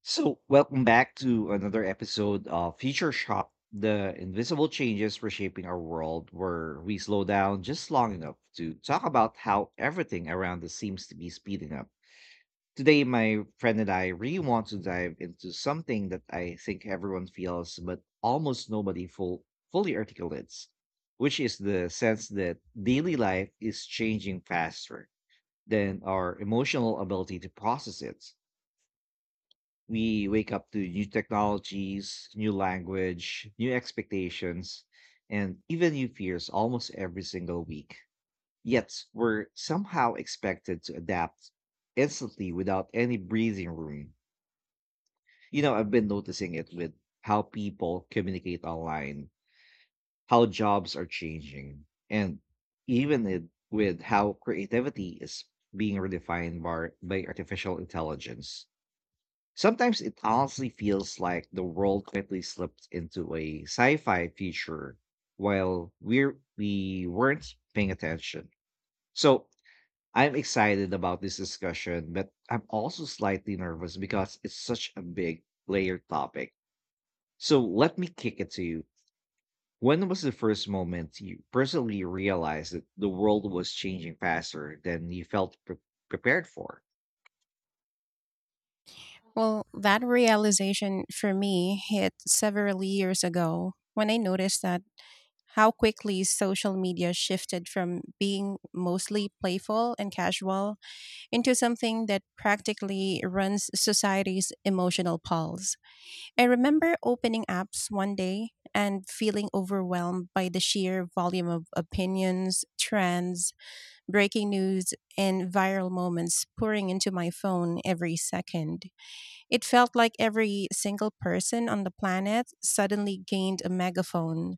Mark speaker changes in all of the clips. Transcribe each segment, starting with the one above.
Speaker 1: So, welcome back to another episode of Future Shock, the invisible changes reshaping our world, where we slow down just long enough to talk about how everything around us seems to be speeding up. Today, my friend and I really want to dive into something that I think everyone feels, but almost nobody fully articulates, which is the sense that daily life is changing faster than our emotional ability to process it. We wake up to new technologies, new language, new expectations, and even new fears almost every single week. Yet, we're somehow expected to adapt instantly without any breathing room. You know, I've been noticing it with how people communicate online, how jobs are changing, and even it, with how creativity is being redefined by artificial intelligence. Sometimes it honestly feels like the world quickly slipped into a sci-fi feature while we weren't paying attention. So I'm excited about this discussion, but I'm also slightly nervous because it's such a big layered topic. So let me kick it to you. When was the first moment you personally realized that the world was changing faster than you felt prepared for?
Speaker 2: Well, that realization for me hit several years ago when I noticed that how quickly social media shifted from being mostly playful and casual into something that practically runs society's emotional pulse. I remember opening apps one day and feeling overwhelmed by the sheer volume of opinions, trends, breaking news, and viral moments pouring into my phone every second. It felt like every single person on the planet suddenly gained a megaphone,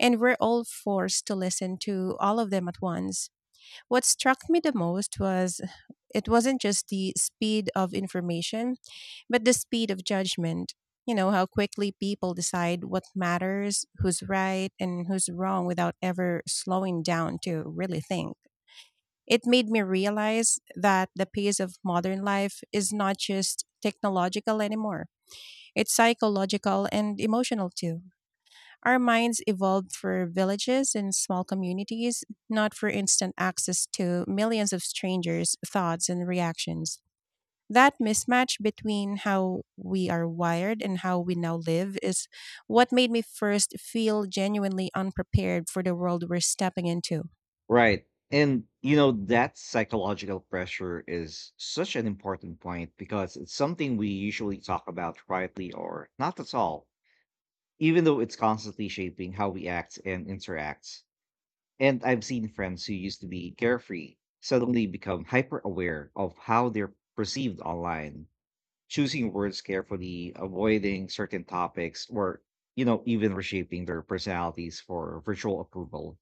Speaker 2: and we're all forced to listen to all of them at once. What struck me the most was it wasn't just the speed of information, but the speed of judgment. You know, how quickly people decide what matters, who's right, and who's wrong without ever slowing down to really think. It made me realize that the pace of modern life is not just technological anymore. It's psychological and emotional too. Our minds evolved for villages and small communities, not for instant access to millions of strangers' thoughts and reactions. That mismatch between how we are wired and how we now live is what made me first feel genuinely unprepared for the world we're stepping into,
Speaker 1: Right. And you know, that psychological pressure is such an important point because it's something we usually talk about quietly or not at all, even though it's constantly shaping how we act and interact. And I've seen friends who used to be carefree suddenly become hyper aware of how they're perceived online, choosing words carefully, avoiding certain topics, or, you know, even reshaping their personalities for virtual approval.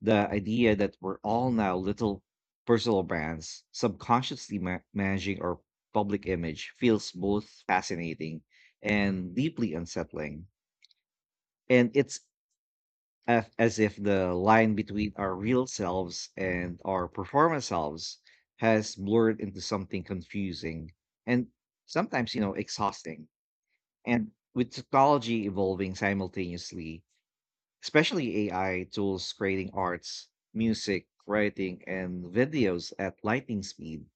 Speaker 1: The idea that we're all now little personal brands, subconsciously managing our public image, feels both fascinating and deeply unsettling. And it's as if the line between our real selves and our performance selves has blurred into something confusing and sometimes, you know, exhausting. And with technology evolving simultaneously, especially AI tools creating arts, music, writing, and videos at lightning speed,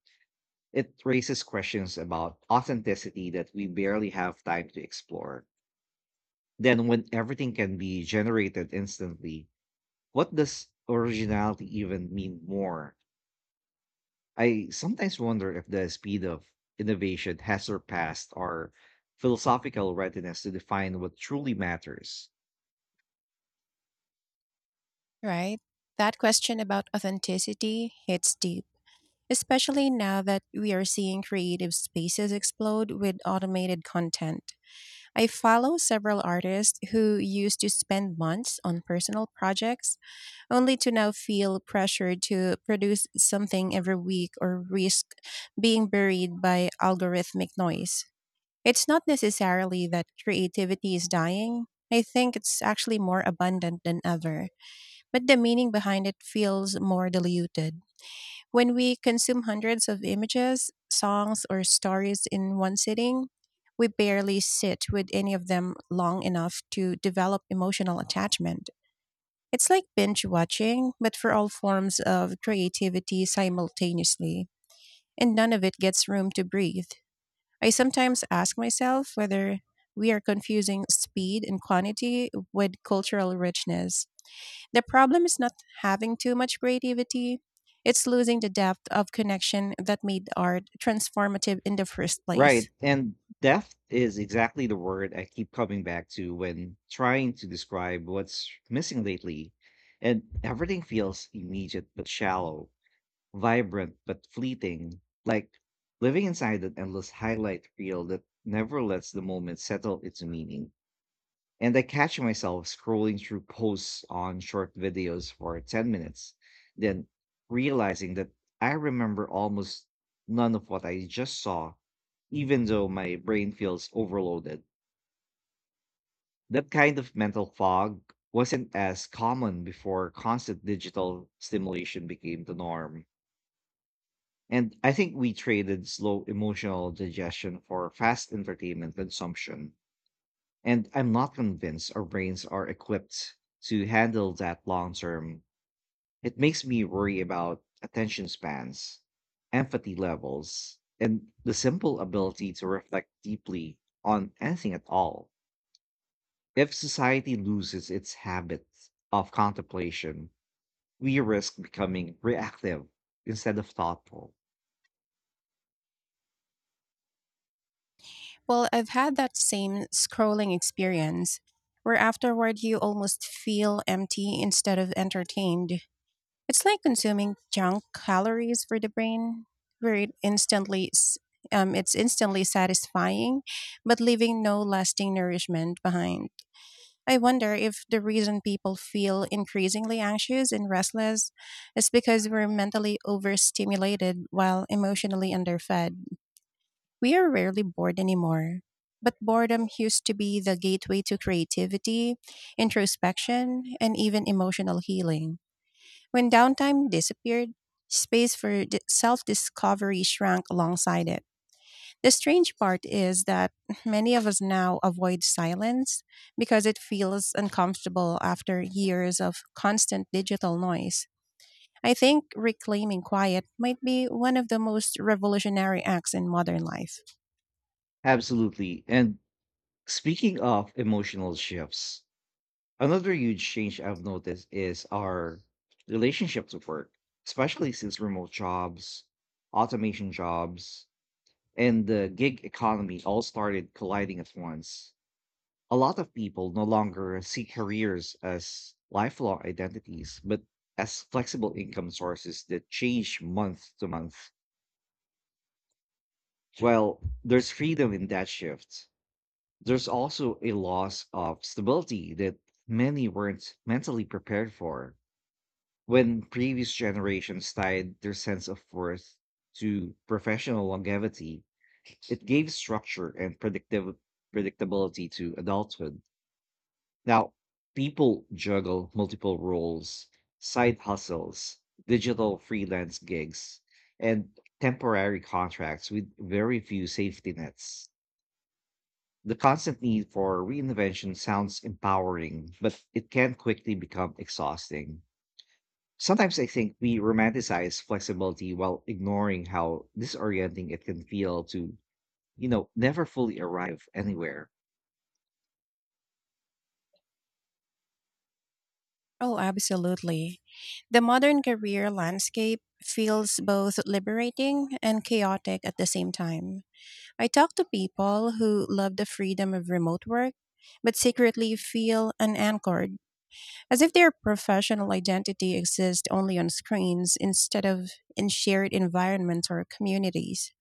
Speaker 1: it raises questions about authenticity that we barely have time to explore. Then, when everything can be generated instantly, what does originality even mean more? I sometimes wonder if the speed of innovation has surpassed our philosophical readiness to define what truly matters.
Speaker 2: right? That question about authenticity hits deep, especially now that we are seeing creative spaces explode with automated content. I follow several artists who used to spend months on personal projects only to now feel pressured to produce something every week or risk being buried by algorithmic noise. It's not necessarily that creativity is dying. I think it's actually more abundant than ever, but the meaning behind it feels more diluted. When we consume hundreds of images, songs, or stories in one sitting, we barely sit with any of them long enough to develop emotional attachment. It's like binge watching, but for all forms of creativity simultaneously, and none of it gets room to breathe. I sometimes ask myself whether we are confusing speed and quantity with cultural richness. The problem is not having too much creativity, it's losing the depth of connection that made art transformative in the first place.
Speaker 1: Right. And depth is exactly the word I keep coming back to when trying to describe what's missing lately. And everything feels immediate but shallow, vibrant but fleeting, like living inside an endless highlight reel that never lets the moment settle into meaning. And I catch myself scrolling through posts on short videos for 10 minutes, then realizing that I remember almost none of what I just saw, even though my brain feels overloaded. That kind of mental fog wasn't as common before constant digital stimulation became the norm. And I think we traded slow emotional digestion for fast entertainment consumption. And I'm not convinced our brains are equipped to handle that long term. It makes me worry about attention spans, empathy levels, and the simple ability to reflect deeply on anything at all. If society loses its habit of contemplation, we risk becoming reactive instead of thoughtful.
Speaker 2: Well, I've had that same scrolling experience where afterward you almost feel empty instead of entertained. It's like consuming junk calories for the brain, where it's instantly satisfying, but leaving no lasting nourishment behind. I wonder if the reason people feel increasingly anxious and restless is because we're mentally overstimulated while emotionally underfed. We are rarely bored anymore. But boredom used to be the gateway to creativity, introspection, and even emotional healing. When downtime disappeared, space for self discovery shrank alongside it. The strange part is that many of us now avoid silence because it feels uncomfortable after years of constant digital noise. I think reclaiming quiet might be one of the most revolutionary acts in modern life.
Speaker 1: Absolutely. And speaking of emotional shifts, another huge change I've noticed is our relationships with work, especially since remote jobs, automation jobs, and the gig economy all started colliding at once. A lot of people no longer see careers as lifelong identities, but as flexible income sources that change month to month. While there's freedom in that shift, there's also a loss of stability that many weren't mentally prepared for. When previous generations tied their sense of worth to professional longevity, it gave structure and predictive predictability to adulthood. Now, people juggle multiple roles, side hustles, digital freelance gigs, and temporary contracts with very few safety nets. The constant need for reinvention sounds empowering, but it can quickly become exhausting. Sometimes I think we romanticize flexibility while ignoring how disorienting it can feel to, you know, never fully arrive anywhere.
Speaker 2: Oh, absolutely. The modern career landscape feels both liberating and chaotic at the same time. I talk to people who love the freedom of remote work, but secretly feel unanchored as if their professional identity exists only on screens instead of in shared environments or communities.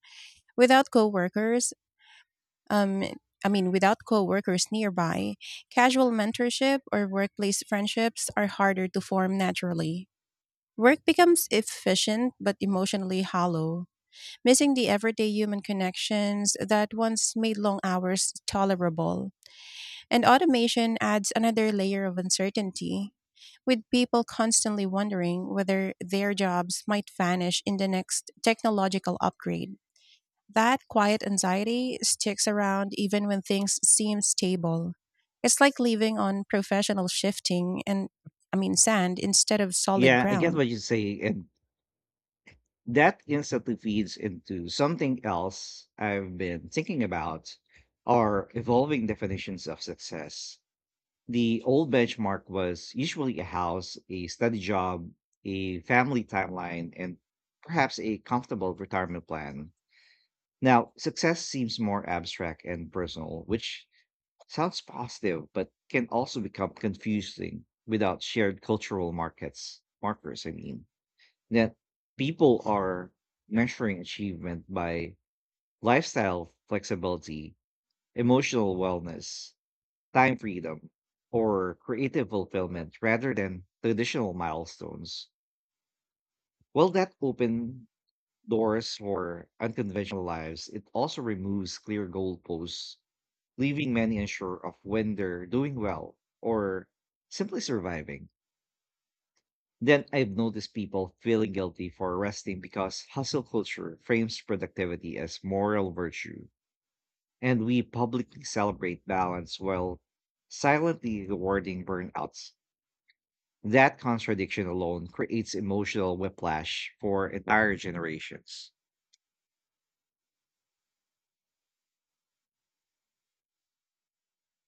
Speaker 2: Without coworkers, um, I mean, without coworkers nearby, casual mentorship or workplace friendships are harder to form naturally. Work becomes efficient but emotionally hollow, missing the everyday human connections that once made long hours tolerable. And automation adds another layer of uncertainty, with people constantly wondering whether their jobs might vanish in the next technological upgrade. That quiet anxiety sticks around even when things seem stable. It's like living on professional shifting and, I mean, sand instead of solid
Speaker 1: Yeah, I get
Speaker 2: ground.
Speaker 1: what you say, and that instantly feeds into something else I've been thinking about: our evolving definitions of success. The old benchmark was usually a house, a steady job, a family timeline, and perhaps a comfortable retirement plan. Now, success seems more abstract and personal, which sounds positive, but can also become confusing without shared cultural markets markers. I mean, that people are measuring achievement by lifestyle flexibility, emotional wellness, time freedom, or creative fulfillment rather than traditional milestones. While that open doors for unconventional lives, it also removes clear goalposts, leaving many unsure of when they're doing well or simply surviving. Then I've noticed people feeling guilty for resting because hustle culture frames productivity as moral virtue, and we publicly celebrate balance while silently rewarding burnouts. That contradiction alone creates emotional whiplash for entire generations.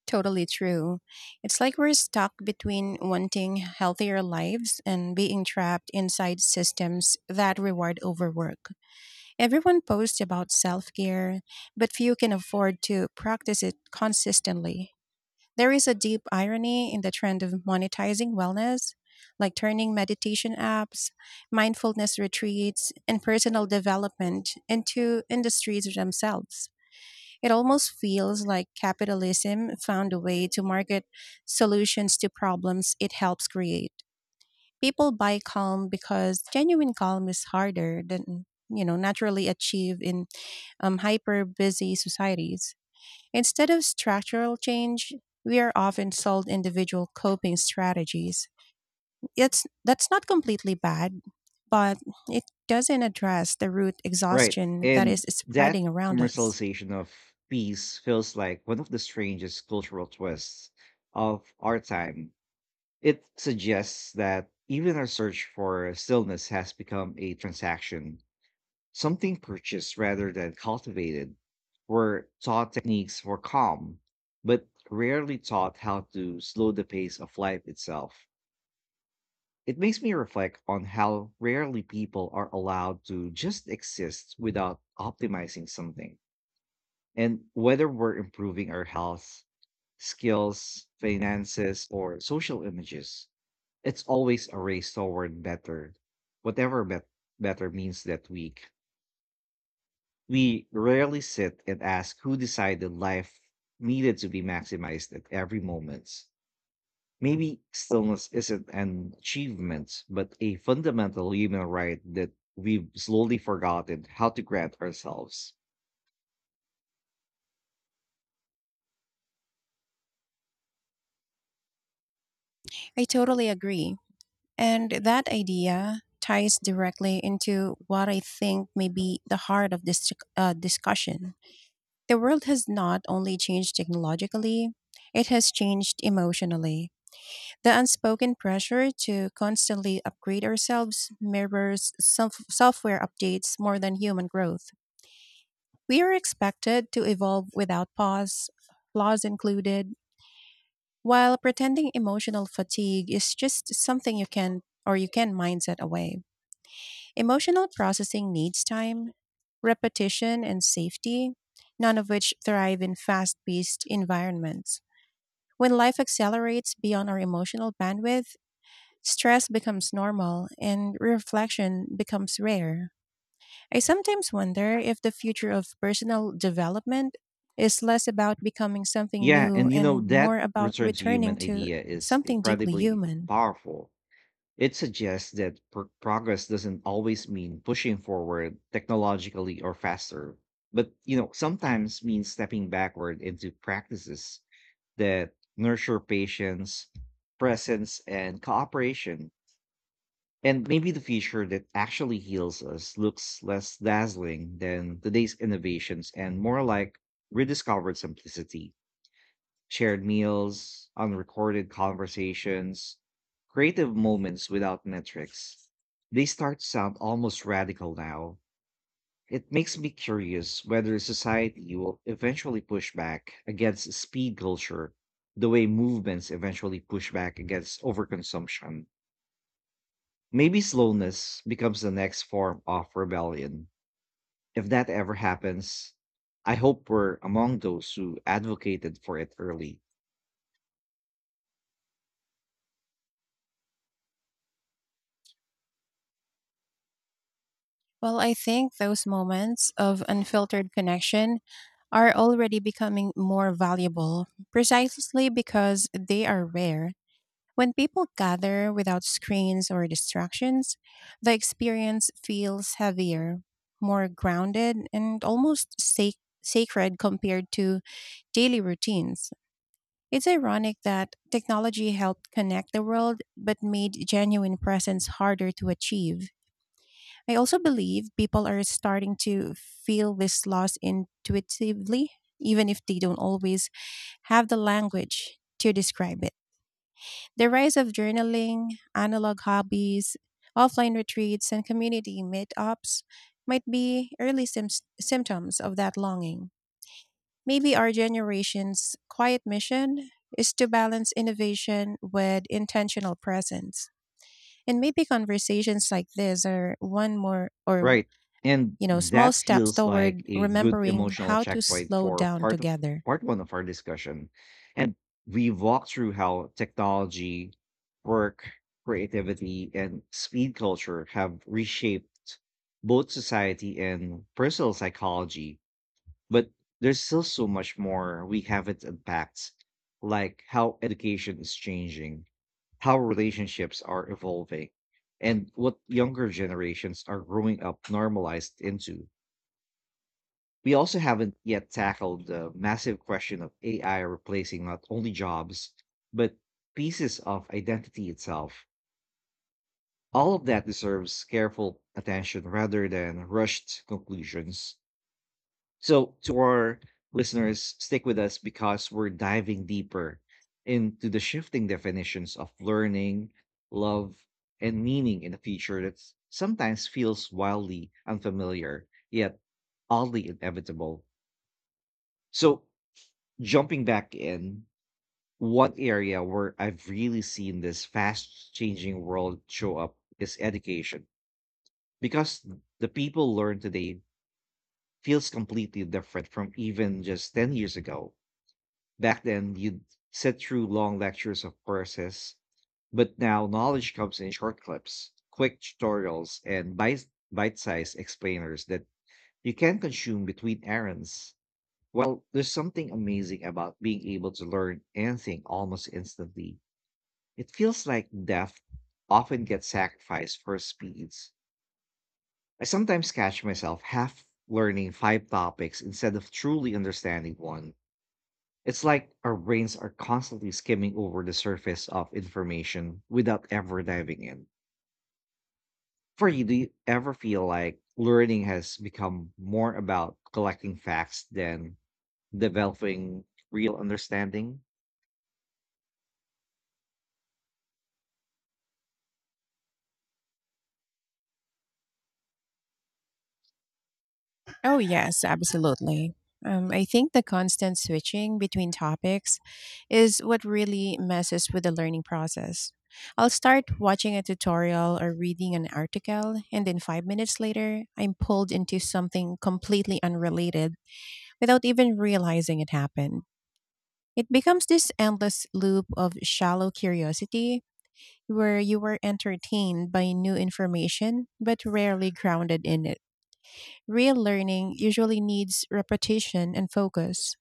Speaker 2: Totally true. It's like we're stuck between wanting healthier lives and being trapped inside systems that reward overwork. Everyone posts about self care, but few can afford to practice it consistently. There is a deep irony in the trend of monetizing wellness, like turning meditation apps, mindfulness retreats, and personal development into industries themselves. It almost feels like capitalism found a way to market solutions to problems it helps create. People buy calm because genuine calm is harder than naturally achieve in hyper busy societies. Instead of structural change, we are often sold individual coping strategies. That's not completely bad, but it doesn't address the root
Speaker 1: Right.
Speaker 2: exhaustion that
Speaker 1: And
Speaker 2: is
Speaker 1: that
Speaker 2: spreading around us.
Speaker 1: commercialization of peace feels like one of the strangest cultural twists of our time. It suggests that even our search for stillness has become a transaction, something purchased rather than cultivated. We're taught techniques for calm, but rarely taught how to slow the pace of life itself. It makes me reflect on how rarely people are allowed to just exist without optimizing something, and whether we're improving our health, skills, finances, or social images, it's always a race toward better, whatever better means that week. We rarely sit and ask who decided life needed to be maximized at every moment. Maybe stillness isn't an achievement, but a fundamental human right that we've slowly forgotten how to grant ourselves.
Speaker 2: I totally agree. And that idea ties directly into what I think may be the heart of this discussion. The world has not only changed technologically, it has changed emotionally. The unspoken pressure to constantly upgrade ourselves mirrors software updates more than human growth. We are expected to evolve without pause, flaws included, while pretending emotional fatigue is just something you can mindset away. Emotional processing needs time, repetition, and safety, none of which thrive in fast paced environments. When life accelerates beyond our emotional bandwidth, stress becomes normal and reflection becomes rare. I sometimes wonder if the future of personal development is less about becoming something
Speaker 1: Yeah,
Speaker 2: new
Speaker 1: and you know,
Speaker 2: and
Speaker 1: that
Speaker 2: more about
Speaker 1: return to
Speaker 2: returning
Speaker 1: human
Speaker 2: to
Speaker 1: idea is
Speaker 2: something deeply
Speaker 1: incredibly
Speaker 2: human.
Speaker 1: powerful. It suggests that progress doesn't always mean pushing forward technologically or faster, but, you know, sometimes means stepping backward into practices that nurture patience, presence, and cooperation. And maybe the future that actually heals us looks less dazzling than today's innovations and more like rediscovered simplicity, shared meals, unrecorded conversations, creative moments without metrics. They start to sound almost radical now. It makes me curious whether society will eventually push back against speed culture the way movements eventually push back against overconsumption. Maybe slowness becomes the next form of rebellion. If that ever happens, I hope we're among those who advocated for it early.
Speaker 2: Well, I think those moments of unfiltered connection are already becoming more valuable precisely because they are rare. When people gather without screens or distractions, the experience feels heavier, more grounded, and almost sacred compared to daily routines. It's ironic that technology helped connect the world but made genuine presence harder to achieve. I also believe people are starting to feel this loss intuitively, even if they don't always have the language to describe it. The rise of journaling, analog hobbies, offline retreats, and community meetups might be early symptoms of that longing. Maybe our generation's quiet mission is to balance innovation with intentional presence. And maybe conversations like this are one more or
Speaker 1: Right. And
Speaker 2: small
Speaker 1: that
Speaker 2: steps
Speaker 1: feels like
Speaker 2: toward
Speaker 1: a good
Speaker 2: remembering
Speaker 1: emotional
Speaker 2: how to
Speaker 1: checkpoint
Speaker 2: slow
Speaker 1: for
Speaker 2: down together.
Speaker 1: part one of our discussion. And we walked through how technology, work, creativity, and speed culture have reshaped both society and personal psychology. But there's still so much more we haven't unpacked, like how education is changing, how relationships are evolving, and what younger generations are growing up normalized into. We also haven't yet tackled the massive question of AI replacing not only jobs, but pieces of identity itself. All of that deserves careful attention rather than rushed conclusions. So, to our listeners, stick with us because we're diving deeper into the shifting definitions of learning, love, and meaning in a future that sometimes feels wildly unfamiliar, yet oddly inevitable. So, jumping back in, one area where I've really seen this fast changing world show up is education, because the people learn today feels completely different from even just 10 years ago. Back then, you'd sit through long lectures of courses, but now knowledge comes in short clips, quick tutorials, and bite-sized explainers that you can consume between errands. Well, there's something amazing about being able to learn anything almost instantly. It feels like depth often gets sacrificed for speeds. I sometimes catch myself half learning 5 topics instead of truly understanding one. It's like our brains are constantly skimming over the surface of information without ever diving in. For you, do you ever feel like learning has become more about collecting facts than developing real understanding?
Speaker 2: Oh, yes, absolutely. I think the constant switching between topics is what really messes with the learning process. I'll start watching a tutorial or reading an article, and then 5 minutes later, I'm pulled into something completely unrelated without even realizing it happened. It becomes this endless loop of shallow curiosity where you are entertained by new information but rarely grounded in it. Real learning usually needs repetition and focus,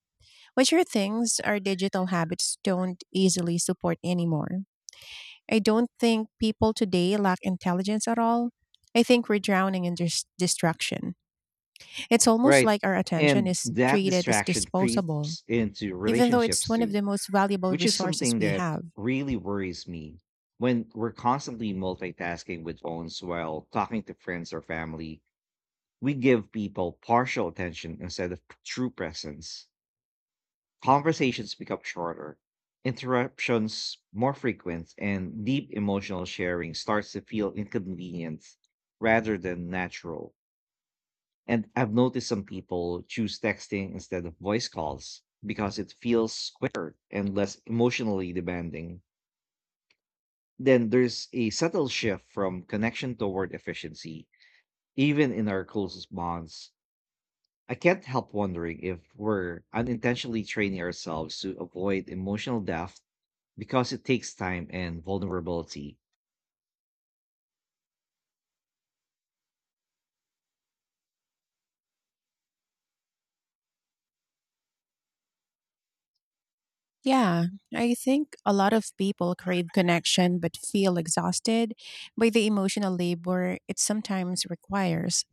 Speaker 2: which are things our digital habits don't easily support anymore. I don't think people today lack intelligence at all. I think we're drowning in distraction. It's almost
Speaker 1: Right.
Speaker 2: like our attention
Speaker 1: And
Speaker 2: is
Speaker 1: that
Speaker 2: treated as
Speaker 1: distraction
Speaker 2: disposable,
Speaker 1: creeps into
Speaker 2: even though it's
Speaker 1: relationships
Speaker 2: one of
Speaker 1: too,
Speaker 2: the most valuable
Speaker 1: which is
Speaker 2: resources
Speaker 1: something
Speaker 2: we
Speaker 1: that
Speaker 2: have.
Speaker 1: really worries me. When we're constantly multitasking with phones while talking to friends or family, we give people partial attention instead of true presence. Conversations become shorter, interruptions more frequent, and deep emotional sharing starts to feel inconvenient rather than natural. And I've noticed some people choose texting instead of voice calls because it feels quicker and less emotionally demanding. Then there's a subtle shift from connection toward efficiency, even in our closest bonds. I can't help wondering if we're unintentionally training ourselves to avoid emotional depth because it takes time and vulnerability.
Speaker 2: Yeah, I think a lot of people crave connection but feel exhausted by the emotional labor it sometimes requires.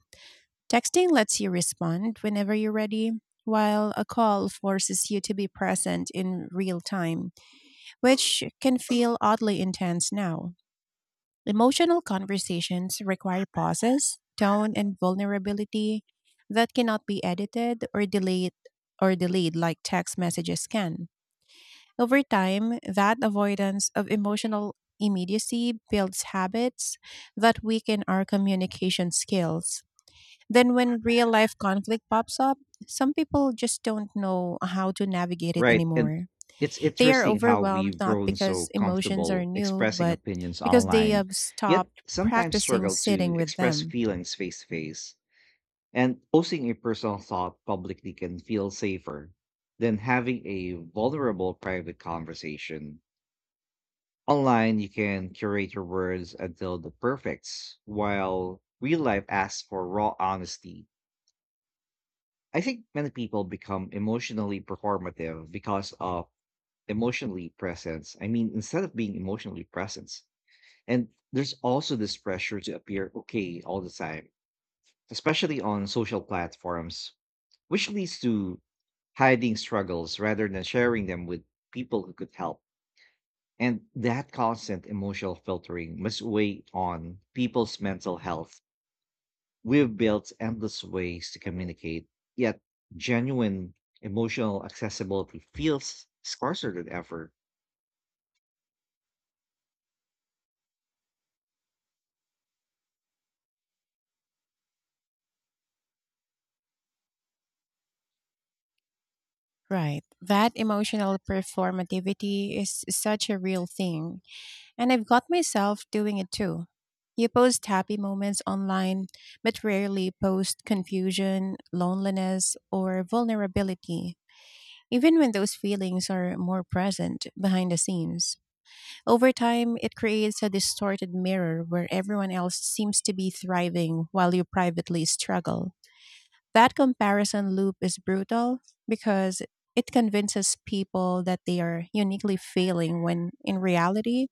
Speaker 2: Texting lets you respond whenever you're ready, while a call forces you to be present in real time, which can feel oddly intense now. Emotional conversations require pauses, tone, and vulnerability that cannot be edited or delayed like text messages can. Over time, that avoidance of emotional immediacy builds habits that weaken our communication skills. Then, when real life conflict pops up, some people just don't know how to navigate it
Speaker 1: Right. And
Speaker 2: anymore.
Speaker 1: it's
Speaker 2: They are
Speaker 1: interesting how
Speaker 2: overwhelmed
Speaker 1: we've
Speaker 2: not
Speaker 1: grown so
Speaker 2: because emotions are
Speaker 1: comfortable
Speaker 2: new,
Speaker 1: expressing
Speaker 2: but
Speaker 1: opinions
Speaker 2: because they
Speaker 1: online,
Speaker 2: have
Speaker 1: yet
Speaker 2: stopped
Speaker 1: sometimes
Speaker 2: practicing
Speaker 1: struggle
Speaker 2: sitting
Speaker 1: to
Speaker 2: with
Speaker 1: express
Speaker 2: them.
Speaker 1: feelings face to face. And posting a personal thought publicly can feel safer than having a vulnerable private conversation. Online, you can curate your words until the perfects, while real life asks for raw honesty. I think many people become emotionally performative because of emotionally presence. I mean, instead of being emotionally present. And there's also this pressure to appear okay all the time, especially on social platforms, which leads to hiding struggles rather than sharing them with people who could help. And that constant emotional filtering must weigh on people's mental health. We've built endless ways to communicate, yet genuine emotional accessibility feels scarcer than ever.
Speaker 2: Right. That emotional performativity is such a real thing. And I've got myself doing it too. You post happy moments online, but rarely post confusion, loneliness, or vulnerability, even when those feelings are more present behind the scenes. Over time, it creates a distorted mirror where everyone else seems to be thriving while you privately struggle. That comparison loop is brutal because it convinces people that they are uniquely failing when in reality,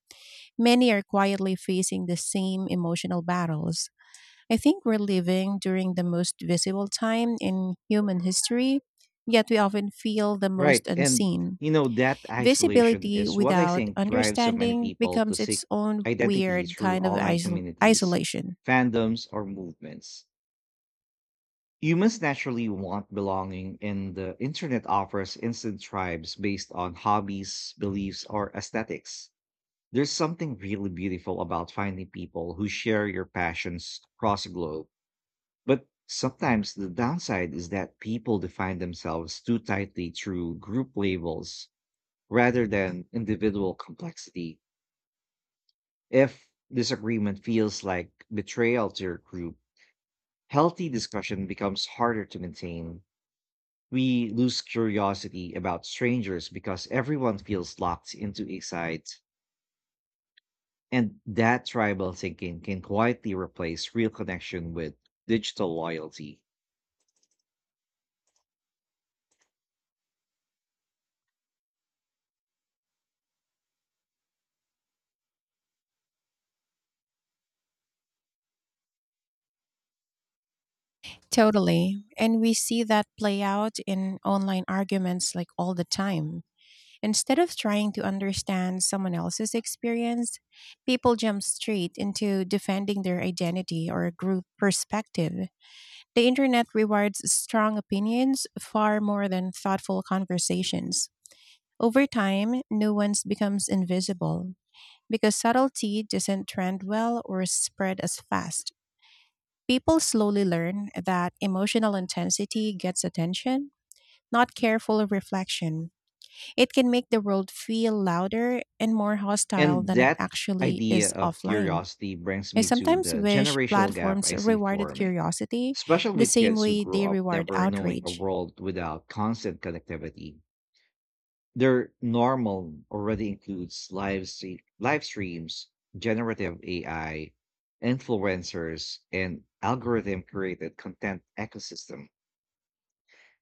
Speaker 2: many are quietly facing the same emotional battles. I think we're living during the most visible time in human history, yet we often feel the
Speaker 1: Right.
Speaker 2: most
Speaker 1: And,
Speaker 2: unseen.
Speaker 1: you know, that isolation
Speaker 2: Visibility
Speaker 1: is what I
Speaker 2: without
Speaker 1: think drives so many
Speaker 2: understanding
Speaker 1: people to
Speaker 2: becomes
Speaker 1: seek
Speaker 2: its own
Speaker 1: identity
Speaker 2: weird
Speaker 1: through
Speaker 2: kind of
Speaker 1: online
Speaker 2: isol-
Speaker 1: communities,
Speaker 2: isolation.
Speaker 1: fandoms, or movements. Humans naturally want belonging, and the internet offers instant tribes based on hobbies, beliefs, or aesthetics. There's something really beautiful about finding people who share your passions across the globe. But sometimes the downside is that people define themselves too tightly through group labels rather than individual complexity. If disagreement feels like betrayal to your group, healthy discussion becomes harder to maintain. We lose curiosity about strangers because everyone feels locked into a site. And that tribal thinking can quietly replace real connection with digital loyalty.
Speaker 2: Totally. And we see that play out in online arguments like all the time. Instead of trying to understand someone else's experience, people jump straight into defending their identity or group perspective. The internet rewards strong opinions far more than thoughtful conversations. Over time, nuance becomes invisible, because subtlety doesn't trend well or spread as fast. People slowly learn that emotional intensity gets attention, not careful reflection. It can make the world feel louder and more hostile
Speaker 1: And
Speaker 2: than it
Speaker 1: that
Speaker 2: actually
Speaker 1: idea
Speaker 2: is
Speaker 1: of
Speaker 2: offline.
Speaker 1: curiosity brings
Speaker 2: I
Speaker 1: me to
Speaker 2: sometimes
Speaker 1: the
Speaker 2: wish
Speaker 1: generational gap
Speaker 2: platforms
Speaker 1: I see
Speaker 2: rewarded
Speaker 1: forming,
Speaker 2: curiosity
Speaker 1: especially
Speaker 2: the
Speaker 1: with
Speaker 2: same
Speaker 1: kids who
Speaker 2: way
Speaker 1: grew
Speaker 2: they
Speaker 1: up
Speaker 2: reward
Speaker 1: never knowing a
Speaker 2: outrage.
Speaker 1: world without constant connectivity. Their normal already includes live streams, generative AI, influencers, and algorithm created content ecosystem.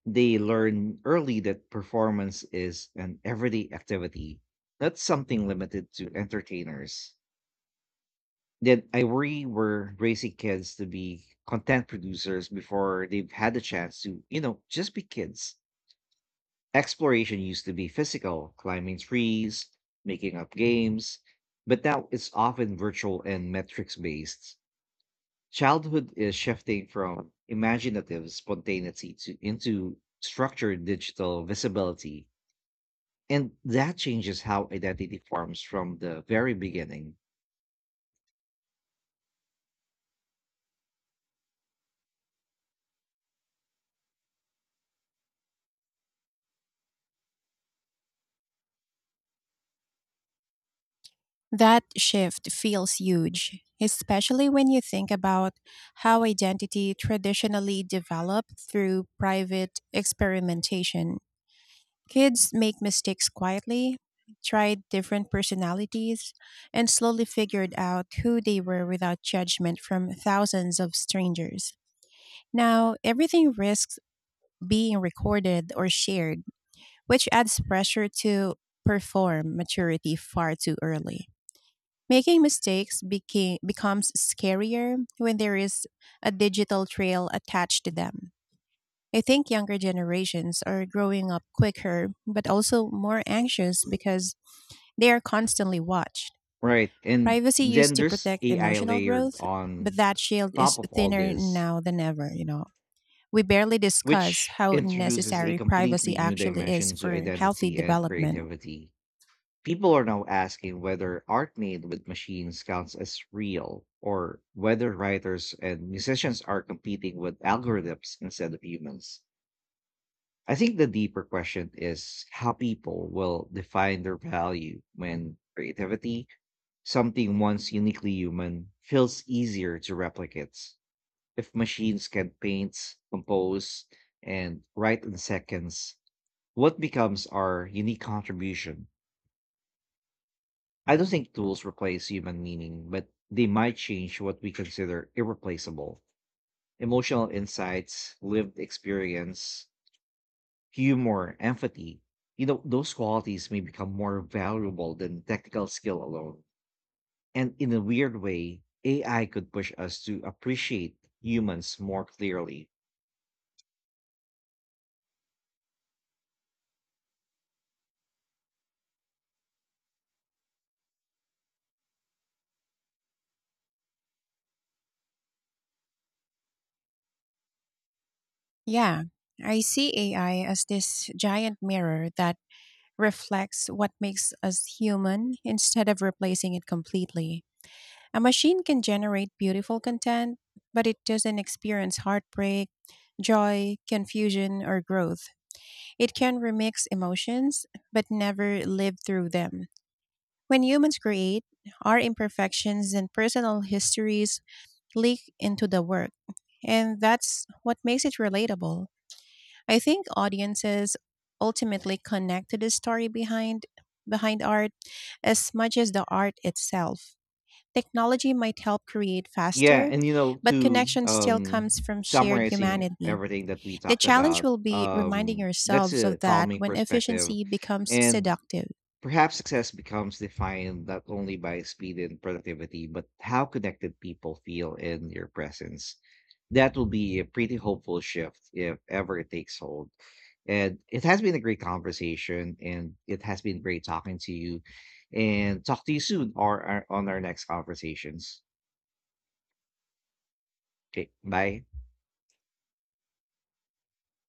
Speaker 1: They learn early that performance is an everyday activity, not something limited to entertainers. Then I worry we're raising kids to be content producers before they've had the chance to, you know, just be kids. Exploration used to be physical, climbing trees, making up games, but now it's often virtual and metrics based. Childhood is shifting from imaginative spontaneity to into structured digital visibility. And that changes how identity forms from the very beginning.
Speaker 2: That shift feels huge, especially when you think about how identity traditionally developed through private experimentation. Kids make mistakes quietly, tried different personalities, and slowly figured out who they were without judgment from thousands of strangers. Now, everything risks being recorded or shared, which adds pressure to perform maturity far too early. Making mistakes becomes scarier when there is a digital trail attached to them. I think younger generations are growing up quicker, but also more anxious because they are constantly watched.
Speaker 1: Right. And
Speaker 2: Privacy
Speaker 1: then
Speaker 2: used to
Speaker 1: there's
Speaker 2: protect
Speaker 1: AI
Speaker 2: emotional
Speaker 1: layered
Speaker 2: growth, but
Speaker 1: on
Speaker 2: that shield is
Speaker 1: top of all
Speaker 2: thinner
Speaker 1: this,
Speaker 2: now than ever. We barely discuss
Speaker 1: which
Speaker 2: how
Speaker 1: introduces a
Speaker 2: necessary
Speaker 1: completely
Speaker 2: privacy
Speaker 1: new
Speaker 2: actually is
Speaker 1: dimension to
Speaker 2: for healthy
Speaker 1: identity and
Speaker 2: development.
Speaker 1: creativity. People are now asking whether art made with machines counts as real, or whether writers and musicians are competing with algorithms instead of humans. I think the deeper question is how people will define their value when creativity, something once uniquely human, feels easier to replicate. If machines can paint, compose, and write in seconds, what becomes our unique contribution? I don't think tools replace human meaning, but they might change what we consider irreplaceable: emotional insights, lived experience, humor, empathy. You know, those qualities may become more valuable than technical skill alone. And in a weird way, AI could push us to appreciate humans more clearly.
Speaker 2: Yeah, I see AI as this giant mirror that reflects what makes us human instead of replacing it completely. A machine can generate beautiful content, but it doesn't experience heartbreak, joy, confusion, or growth. It can remix emotions, but never live through them. When humans create, our imperfections and personal histories leak into the work, and that's what makes it relatable. I think audiences ultimately connect to the story behind art as much as the art itself. Technology might help create
Speaker 1: Yeah,
Speaker 2: faster,
Speaker 1: and you know,
Speaker 2: but
Speaker 1: to
Speaker 2: connection still comes from shared
Speaker 1: summarizing
Speaker 2: humanity.
Speaker 1: everything that we
Speaker 2: The
Speaker 1: talked
Speaker 2: challenge
Speaker 1: about,
Speaker 2: will be reminding
Speaker 1: that's
Speaker 2: yourselves
Speaker 1: a
Speaker 2: of that
Speaker 1: calming
Speaker 2: when
Speaker 1: perspective.
Speaker 2: efficiency becomes
Speaker 1: And
Speaker 2: seductive.
Speaker 1: perhaps success becomes defined not only by speed and productivity, but how connected people feel in your presence. That will be a pretty hopeful shift if ever it takes hold. And it has been a great conversation, and it has been great talking to you. And talk to you soon, or on our next conversations. Okay, bye.